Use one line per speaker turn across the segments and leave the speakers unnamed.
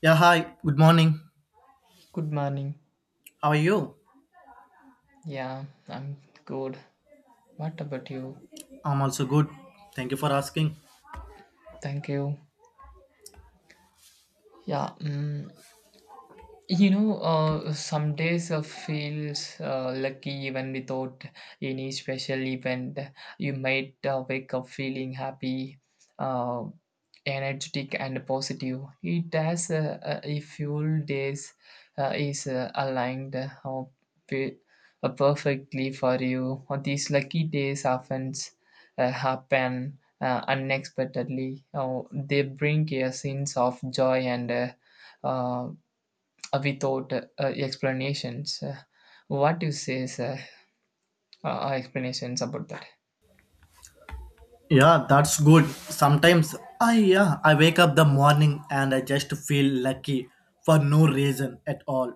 Yeah, hi. Good morning.
Good morning.
How are you?
Yeah, I'm good. What about you?
I'm also good. Thank you for asking.
Thank you. Yeah, mm some days feels lucky even without any special event. You might wake up feeling happy, uh, energetic, and positive. It has a full days is aligned pe- perfectly for you. These lucky days often happen unexpectedly. They bring a sense of joy and uh, without explanations. What you say, sir? Explanations about that?
Yeah, that's good. Sometimes I wake up the morning and I just feel lucky for no reason at all.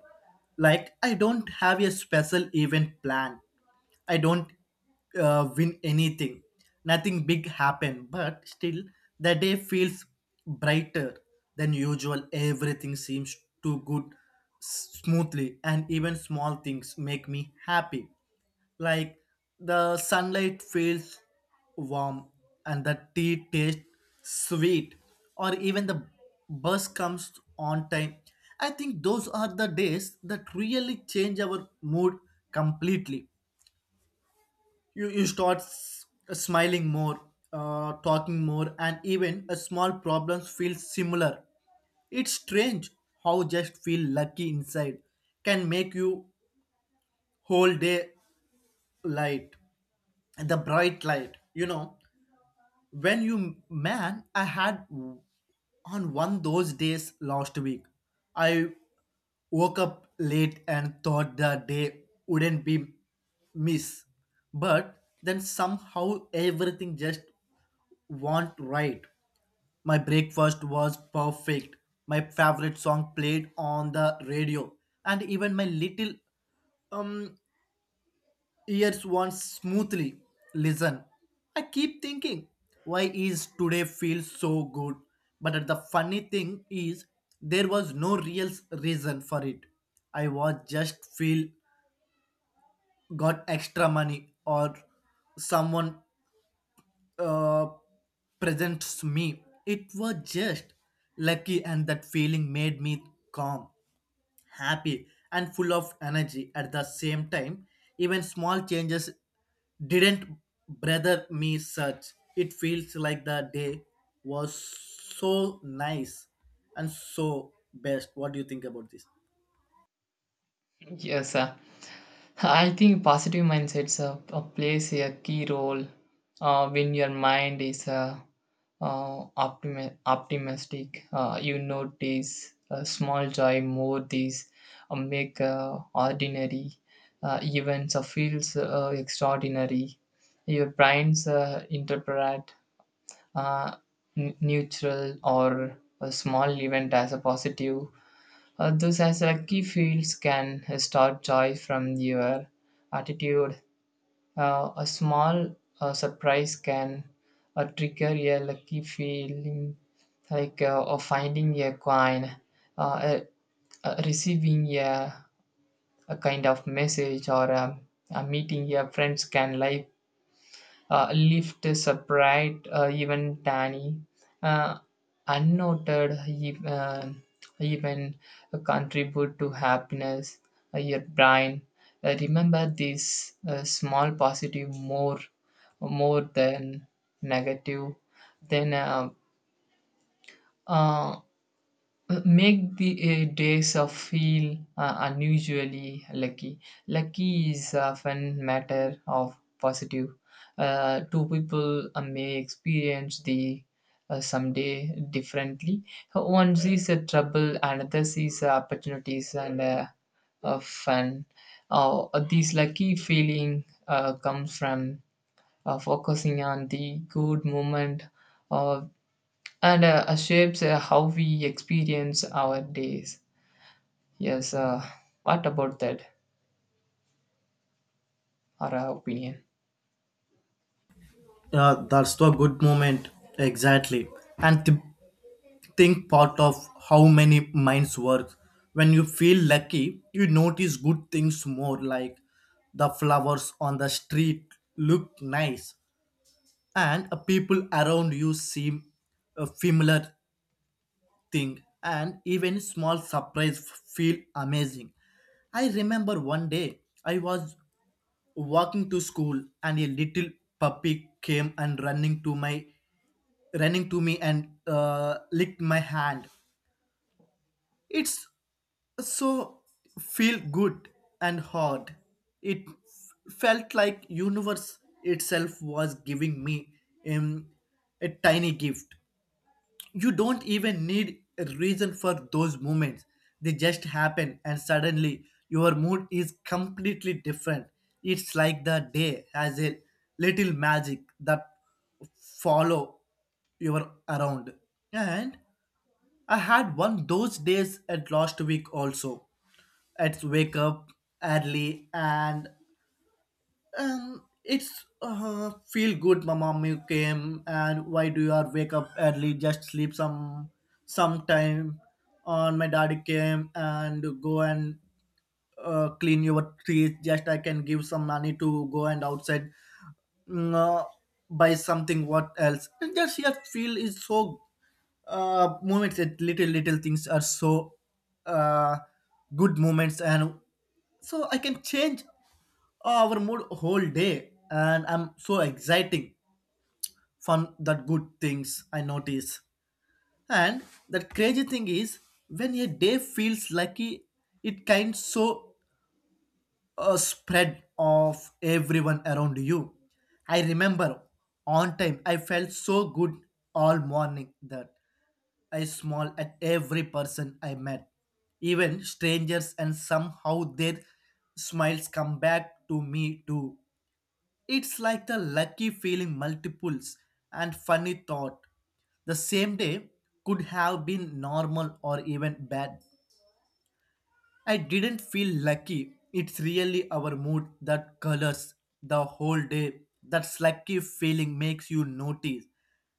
Like I don't have a special event planned. I don't win anything. Nothing big happened, but still the day feels brighter than usual. Everything seems to good smoothly and even small things make me happy, like the sunlight feels warm and the tea tastes sweet, or even the bus comes on time. I think those are the days that really change our mood completely. You start smiling more, talking more, and even a small problems feel similar. It's strange how just feel lucky inside can make you whole day light. The bright light, you know, when you man, I had on one those days last week. I woke up late and thought the day wouldn't be miss, but then somehow everything just went right. My breakfast was perfect, my favorite song played on the radio, and even my little um years once smoothly. Listen, I keep thinking, why is today feels so good? But the funny thing is, there was no real reason for it. I was just feel got extra money or someone uh, presents me. It was just lucky, and that feeling made me calm, happy, and full of energy at the same time. Even small changes didn't bother me such. It feels like the day was so nice and so best. What do you think about this?
Yes, sir. I think positive mindsets plays a key role when your mind is optimistic. You notice small joy more these make ordinary events feels extraordinary. Your brains interpret uh, neutral or a small event as a positive. Those as lucky key fields can start joy from your attitude. A small surprise can trigger a lucky feeling like or finding a coin, uh, uh, receiving a kind of message or meeting your friends can live lift is even tiny, uh, unnoted, even contribute to happiness. Your brain remember these small positive more than negative. Then uh, make the days feel unusually lucky. Lucky is often matter of positive. Two people may experience the someday differently. One sees a trouble, another sees opportunities and fun. This lucky feeling comes from focusing on the good moment uh, and shapes how we experience our days. Yes, what about that? Our opinion.
Yeah, that's the good moment. Exactly. And th- think part of how many minds work. When you feel lucky, you notice good things more, like the flowers on the street look nice and people around you seem familiar thing and even small surprise feel amazing. I remember one day I was walking to school and a little puppy came and running to me and licked my hand. It's so feel good and hard. It felt like universe itself was giving me um, a tiny gift. You don't even need a reason for those moments. They just happen and suddenly your mood is completely different. It's like the day has a little magic that follow your around. And I had one those days at last week also. I'd wake up early and it's feel good, my mom. You came, and why do you are wake up early? Just sleep some time. On my daddy came and go and clean your trees. Just I can give some money to go and outside, mm, uh, buy something. What else? And just your feel is so moments that little things are so uh, good moments, and so I can change our mood whole day and I'm so exciting fun that good things I notice. And that crazy thing is, when a day feels lucky, it kind so spread of everyone around you. I remember on time I felt so good all morning that I smiled at every person I met, even strangers, and somehow their smiles come back to me too. It's like the lucky feeling multiples and funny thought. The same day could have been normal or even bad. I didn't feel lucky. It's really our mood that colors the whole day. That lucky feeling makes you notice.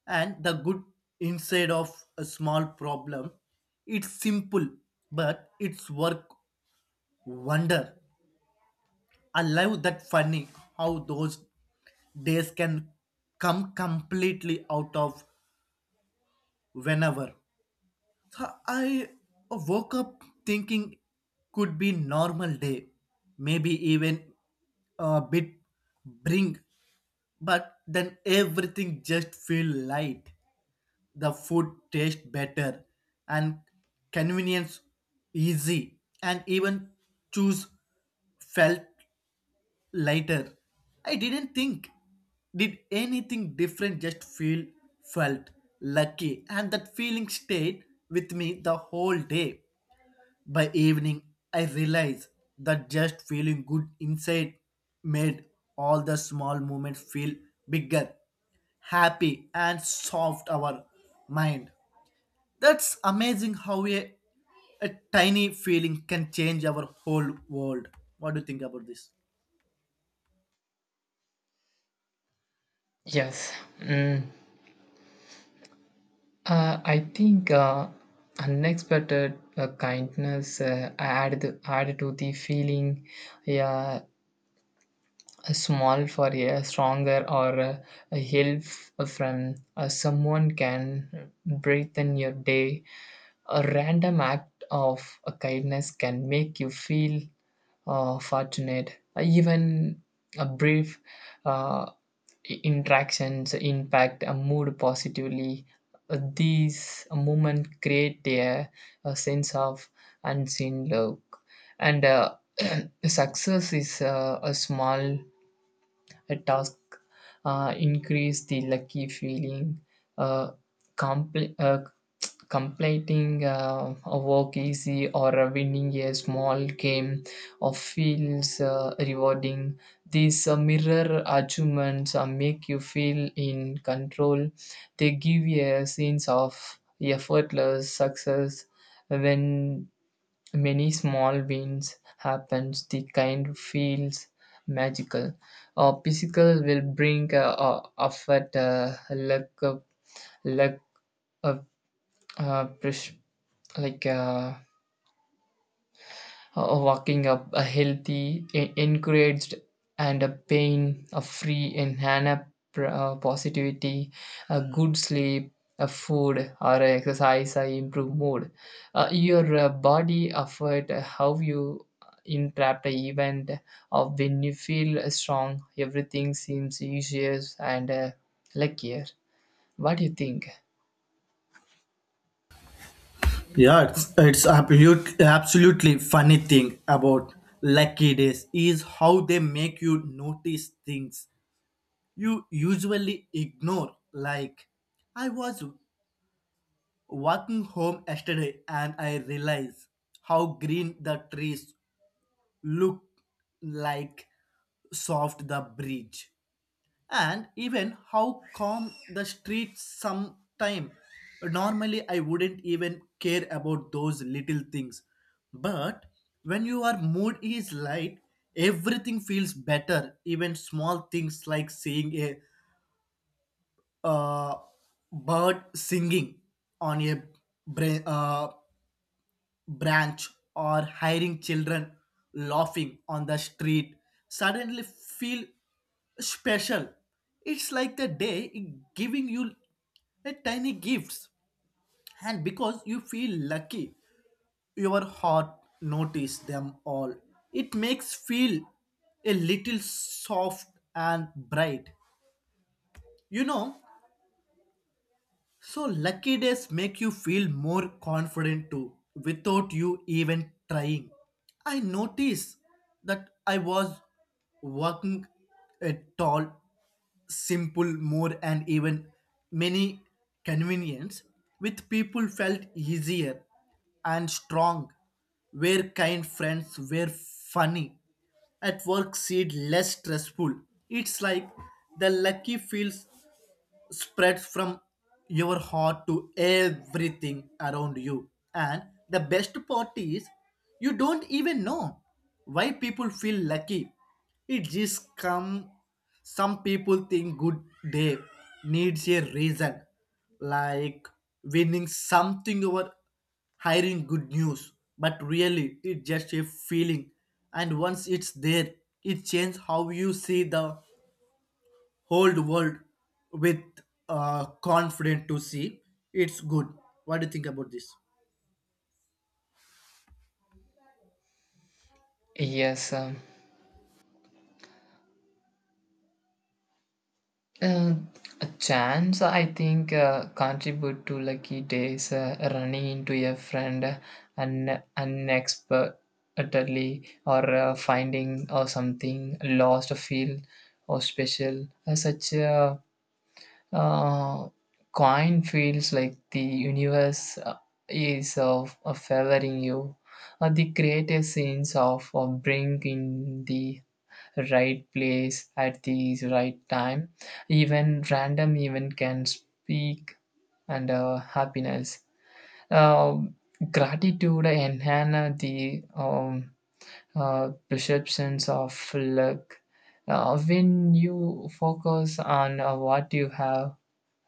And the good inside of a small problem. It's simple, but it's work wonder. I love that funny how those days can come completely out of whenever. So I woke up thinking could be normal day, maybe even a bit bring, but then everything just feel light. The food taste better and convenience easy and even choose felt. Later, I didn't think, did anything different, felt lucky, and that feeling stayed with me the whole day. By evening, I realized that just feeling good inside made all the small moments feel bigger, happy, and soft our mind. That's amazing how a tiny feeling can change our whole world. What do you think about this?
Yes, mm, I think unexpected kindness added to the feeling. Yeah, small for a stronger or a help from someone can brighten your day. A random act of kindness can make you feel fortunate. Even a brief uh, interactions impact a mood positively. These moments create a sense of unseen love and success is a small a task increase the lucky feeling uh, compl- uh, completing a work easy or winning a small game of feels rewarding. These mirror achievements make you feel in control. They give you a sense of effortless success. When many small wins happens, the kind feels magical. A physical will bring effort, luck, uh, uh, pres- like walking up a healthy, encouraged, and a pain, a free in Hannah positivity, a good sleep, a food or a exercise, a improve mood. Your body effort, how you interrupt a event of when you feel strong, everything seems easier and luckier. What do you think?
Yeah, it's absolutely funny thing about lucky days is how they make you notice things you usually ignore. Like, I was walking home yesterday and I realized how green the trees look, like soft the bridge, and even how calm the streets sometime. Normally I wouldn't even care about those little things, but when your mood is light everything feels better, even small things like seeing a uh, bird singing on a bra- uh, branch or hiring children laughing on the street suddenly feel special. It's like the day is giving you a tiny gifts, and because you feel lucky, your heart notice them all. It makes feel a little soft and bright. You know, so lucky days make you feel more confident too without you even trying. I noticed that I was walking a tall, simple, more, and even many convenience with people felt easier and strong, were kind friends, were funny, at work seemed less stressful. It's like the lucky feels spreads from your heart to everything around you. And the best part is, you don't even know why people feel lucky. It just come. Some people think good day needs a reason, like winning something or hiring good news. But really, it's just a feeling, and once it's there, it changes how you see the whole world with confident to see. It's good. What do you think about this?
Yes, Uh, a chance I think contribute to lucky days running into a friend unexpectedly or finding or something lost or feel or special. Such a uh, coin feels like the universe is of favoring you, the greatest sense of bring in the right place at the right time. Even random event can speak and happiness. Uh, gratitude enhance the perceptions of luck. When you focus on what you have,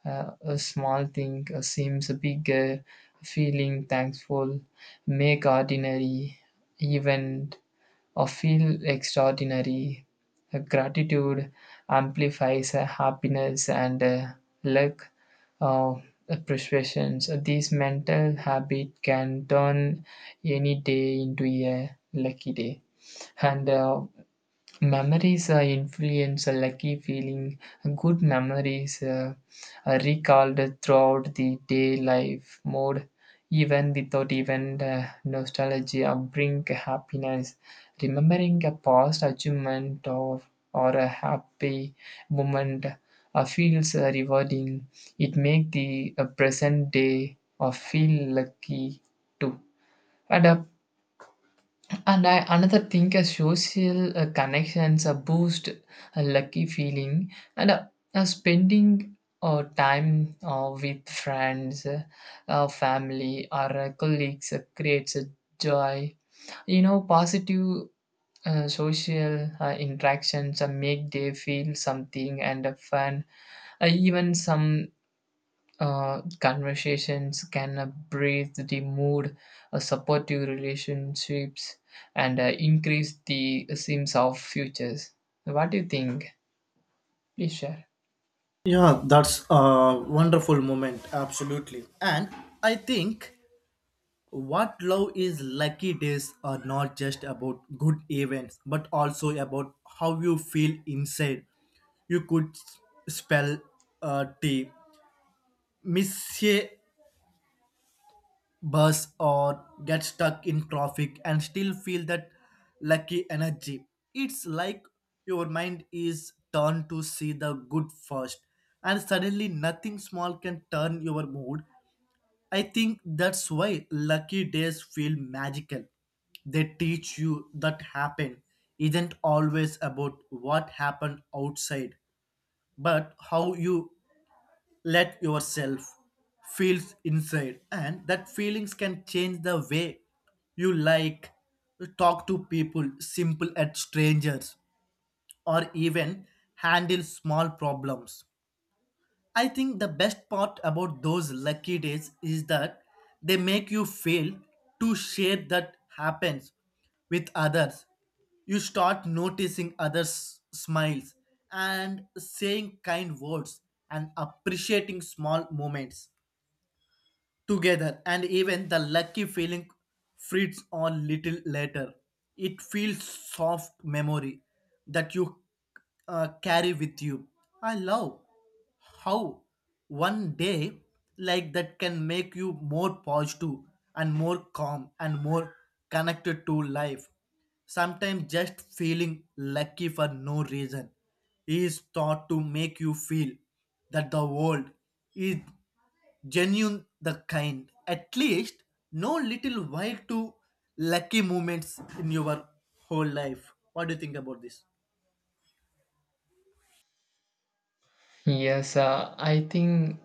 a small thing seems bigger. Feeling thankful, make ordinary even or feel extraordinary. Gratitude amplifies happiness and luck uh, persuasions. These mental habit can turn any day into a lucky day. And memories influence a lucky feeling. Good memories are recalled throughout the day life mode, even without even nostalgia, bring happiness. Remembering a past achievement of, or a happy moment feels rewarding. It makes the present day feel lucky too. And a and another thing, a social connections, a boost, a lucky feeling, and a spending time with friends, family, or colleagues creates a joy. You know, positive social interactions make they feel something and fun. Even some conversations can breathe the mood, support your relationships, and increase the sense of futures. What do you think? Please share.
Yeah, that's a wonderful moment. Absolutely. And I think what love is lucky days are not just about good events, but also about how you feel inside. You could spell tea. Miss a bus or get stuck in traffic and still feel that lucky energy. It's like your mind is turned to see the good first, and suddenly nothing small can turn your mood. I think that's why lucky days feel magical. They teach you that happen isn't always about what happened outside, but how you let yourself feel inside, and that feelings can change the way you, like, talk to people simple at strangers or even handle small problems. I think the best part about those lucky days is that they make you feel to share that happens with others. You start noticing others' smiles and saying kind words and appreciating small moments together, and even the lucky feeling fades on little later it feels soft memory that you carry with you. I love how one day like that can make you more positive and more calm and more connected to life. Sometimes just feeling lucky for no reason is thought to make you feel that the world is genuine the kind, at least no little while, to lucky moments in your whole life. What do you think about this?
Yes, I think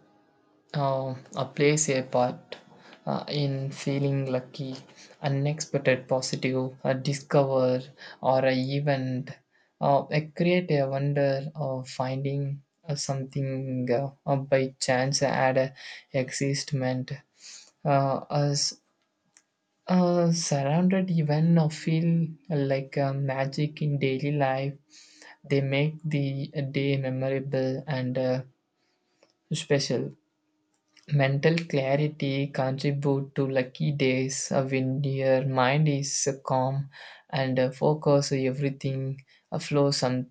plays a part in feeling lucky, unexpected, positive, a discover, or a event, a create a wonder of finding something by chance at a existment. As surrounded even feel like magic in daily life, they make the day memorable and special. Mental clarity contribute to lucky days when your mind is calm and focus everything flows some,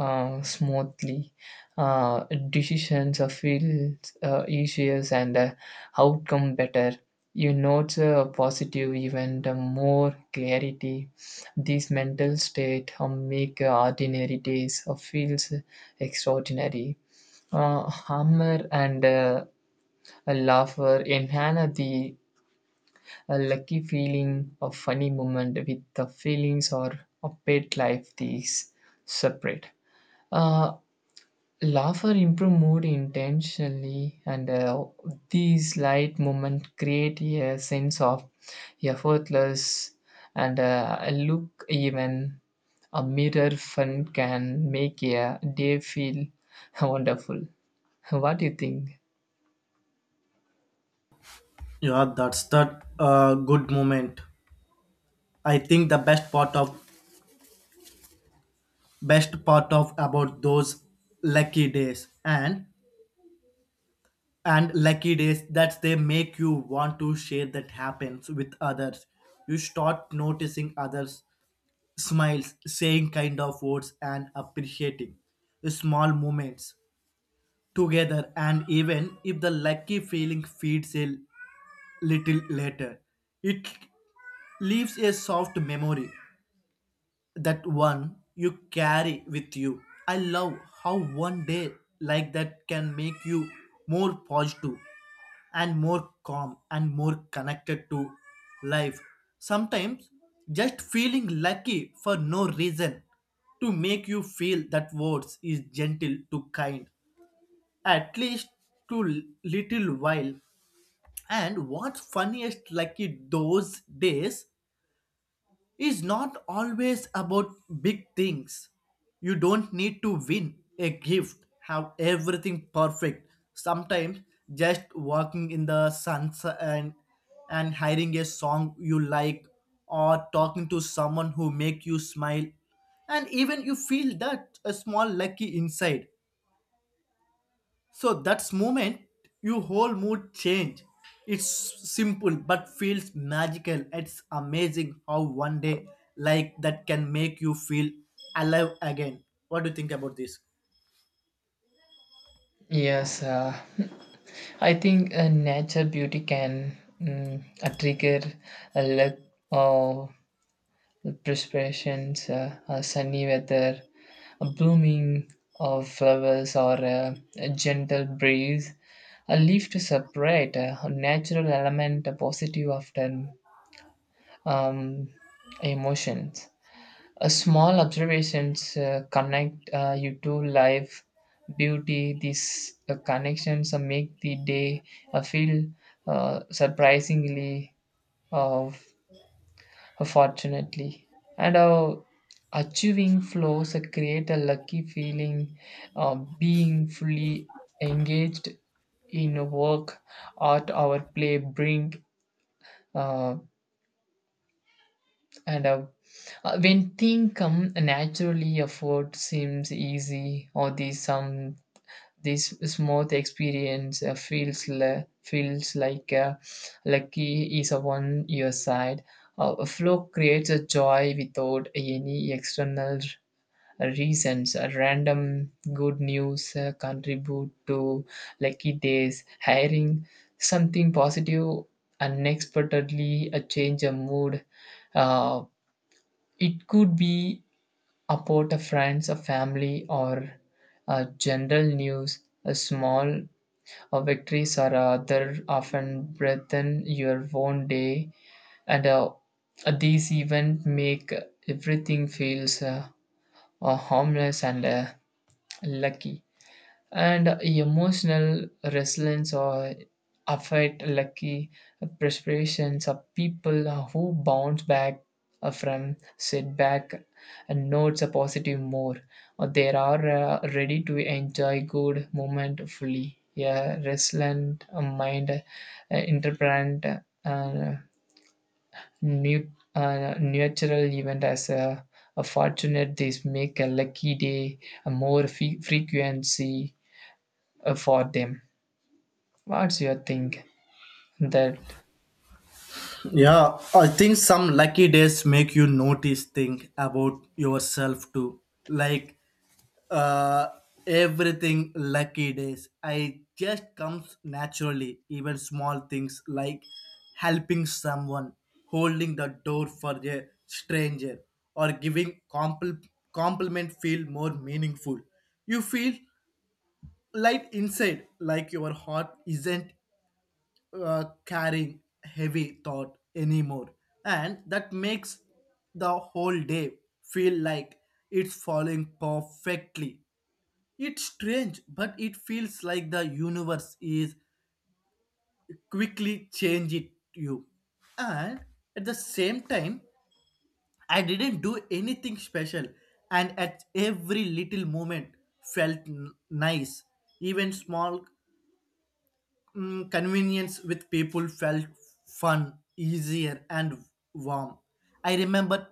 smoothly. Decisions feel easier and outcome better. You note a positive event more clarity. This mental state make ordinary days feels extraordinary. Humor and a laughter enhance the a lucky feeling of funny moment with the feelings or a pet life these separate. Uh, laughter improve mood intentionally and these light moments create a sense of effortless and a look even a mirror fun can make a day feel wonderful. What do you think?
Yeah, that's that good moment. I think the best part of about those lucky days, and lucky days, that they make you want to share that happens with others. You start noticing others smiles, saying kind of words and appreciating the small moments together, and even if the lucky feeling fades a little later, it leaves a soft memory that one you carry with you. I love how one day like that can make you more positive and more calm and more connected to life. Sometimes just feeling lucky for no reason to make you feel that words is gentle to kind, at least to little while. And what's funniest, lucky those days is not always about big things. You don't need to win a gift, have everything perfect. Sometimes just walking in the sun and and hearing a song you like or talking to someone who make you smile, and even you feel that a small lucky inside. So that's moment your whole mood change. It's simple but feels magical. It's amazing how one day like that can make you feel alive again. What do you think about this?
Yes, I think nature beauty can trigger a look of perspirations, a sunny weather, a blooming of flowers, or a gentle breeze. A leaf to separate a natural element, a positive often um, emotions. A small observations connect you to life, beauty. These connections make the day feel surprisingly uh, fortunately. And achieving flows create a lucky feeling of being fully engaged in work, art, our play bring uh, And when things come naturally, effort seems easy, or this smooth experience feels like lucky is on your side. A flow creates a joy without any external reasons. A random good news contribute to lucky days. Hiring something positive unexpectedly, a change a mood. Uh, it could be about a friend, a family, or a general news. A small victories are other often brighten your own day, and these events make everything feels harmless and lucky and emotional resilience or affect lucky perspirations of people who bounce back from setback and notes a positive more or they are ready to enjoy good moment fully. Yeah, resilient mind interpret uh, new natural event as a fortunate. This make a lucky day a more frequency for them. What's your think that?
Yeah, I think some lucky days make you notice things about yourself too. Like, uh, everything lucky days I just comes naturally, even small things like helping someone, holding the door for a stranger, or giving compliment feel more meaningful. You feel light inside, like your heart isn't carrying heavy thought anymore, and that makes the whole day feel like it's falling perfectly. It's strange, but it feels like the universe is quickly changing you. And at the same time, I didn't do anything special, and at every little moment felt nice. Even small mm, convenience with people felt fun, easier, and warm. I remember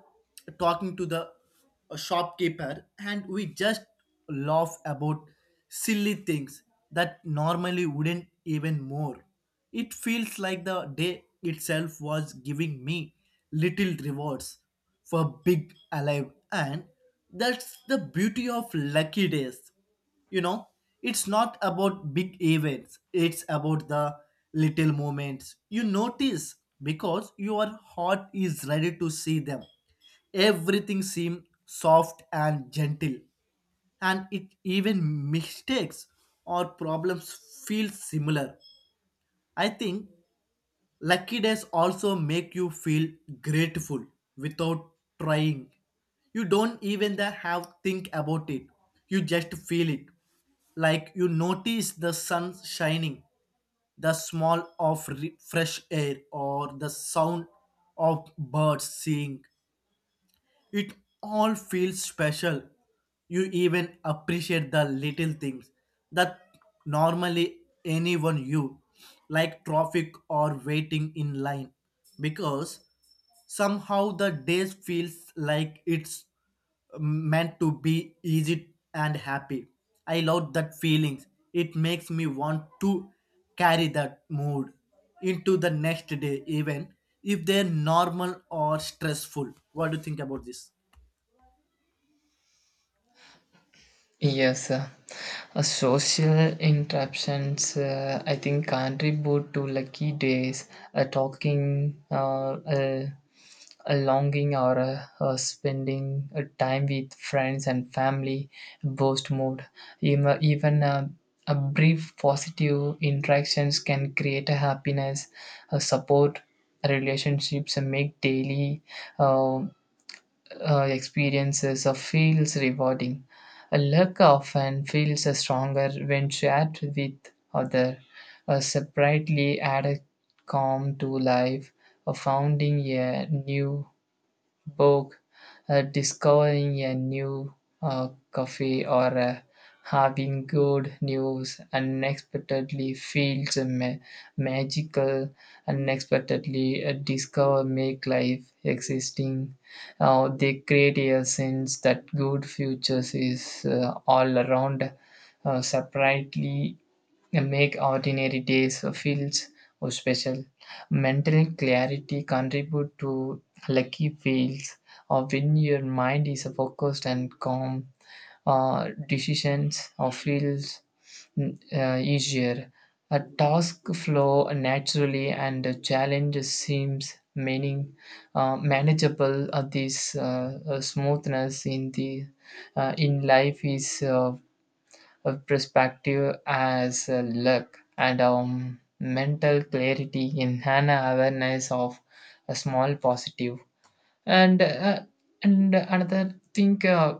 talking to the shopkeeper, and we just laugh about silly things that normally wouldn't even more. It feels like the day itself was giving me little rewards for big alive, and that's the beauty of lucky days, you know. It's not about big events, it's about the little moments you notice because your heart is ready to see them. Everything seems soft and gentle, and it even mistakes or problems feel similar. I think lucky days also make you feel grateful without trying. You don't even the have think about it. You just feel it. Like you notice the sun shining, the smell of fresh air or the sound of birds singing. It all feels special. You even appreciate the little things that normally anyone you, like traffic or waiting in line, because somehow the day feels like it's meant to be easy and happy. I love that feelings. It makes me want to carry that mood into the next day even if they're normal or stressful. What do you think about this?
Yes, social interruptions I think contribute to lucky days, talking, a longing or spending time with friends and family boost mood. Even a brief positive interactions can create a happiness, a support relationships, and make daily uh, experiences feels rewarding. A luck often feels stronger when shared with other. A separately added calm to life, a founding a new book, discovering a new uh, cafe, or having good news unexpectedly feels magical. Unexpectedly discover make life existing. They create a sense that good futures is all around. Separately make ordinary days feels or special. Mental clarity contribute to lucky feels or when your mind is focused and calm. Decisions feels easier, a task flow naturally and a challenge seems meaning manageable. This smoothness in the in life is a perspective as luck, and mental clarity in an awareness of a small positive. And uh, and another thing,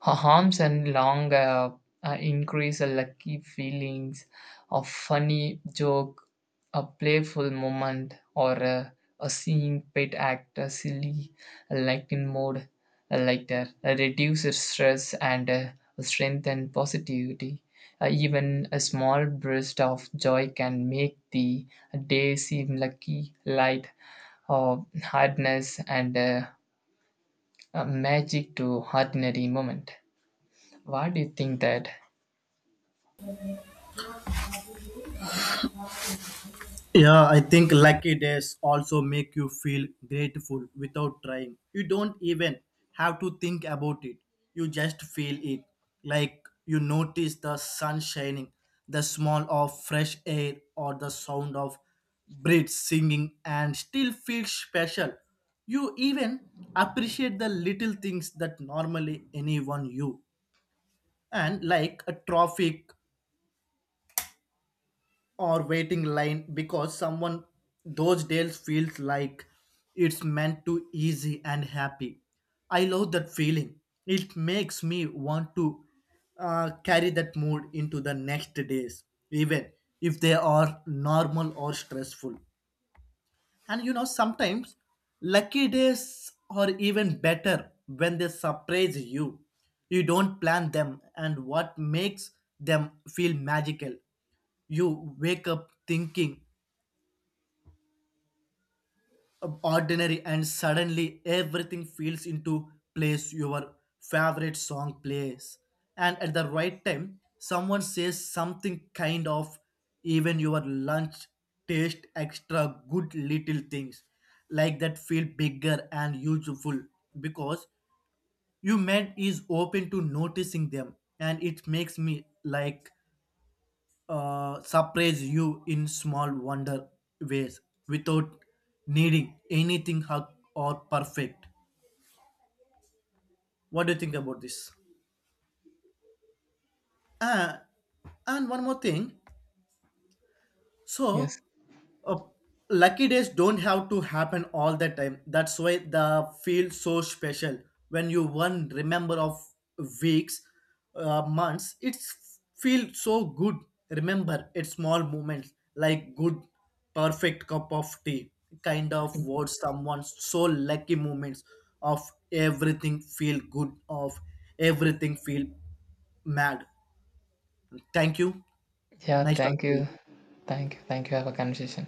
harms and long increase a lucky feelings of funny joke, a playful moment, or a seeing pet act, a silly, a lightened mode, a lighter, a reduces stress and strengthen positivity. Even a small burst of joy can make the day seem lucky, light, or hardness and a magic to ordinary moment. Why do you think that?
Yeah, I think lucky days also make you feel grateful without trying. You don't even have to think about it. You just feel it. Like you notice the sun shining, the smell of fresh air, or the sound of birds singing, and still feel special. You even appreciate the little things that normally anyone you. And like a traffic or waiting line because someone those days feels like it's meant to easy and happy. I love that feeling. It makes me want to carry that mood into the next days even if they are normal or stressful. And you know, sometimes lucky days are even better when they surprise you. You don't plan them, and what makes them feel magical. You wake up thinking ordinary, and suddenly everything feels into place, your favorite song plays, and at the right time someone says something kind of, even your lunch taste extra good. Little things like that feel bigger and useful because your mind is open to noticing them, and it makes me like, surprise you in small wonder ways without needing anything hug or perfect. What do you think about this? Uh, and one more thing. So
Yes.
uh, lucky days don't have to happen all the time, that's why the feel so special. When you one remember of weeks, months, it's feel so good. Remember it's small moments like good, perfect cup of tea, kind of words, someone's so lucky moments of everything feel good of everything feel mad. Thank you.
Yeah,
Nice
thank
talking to you.
you. Thank you. Thank you. Have a conversation.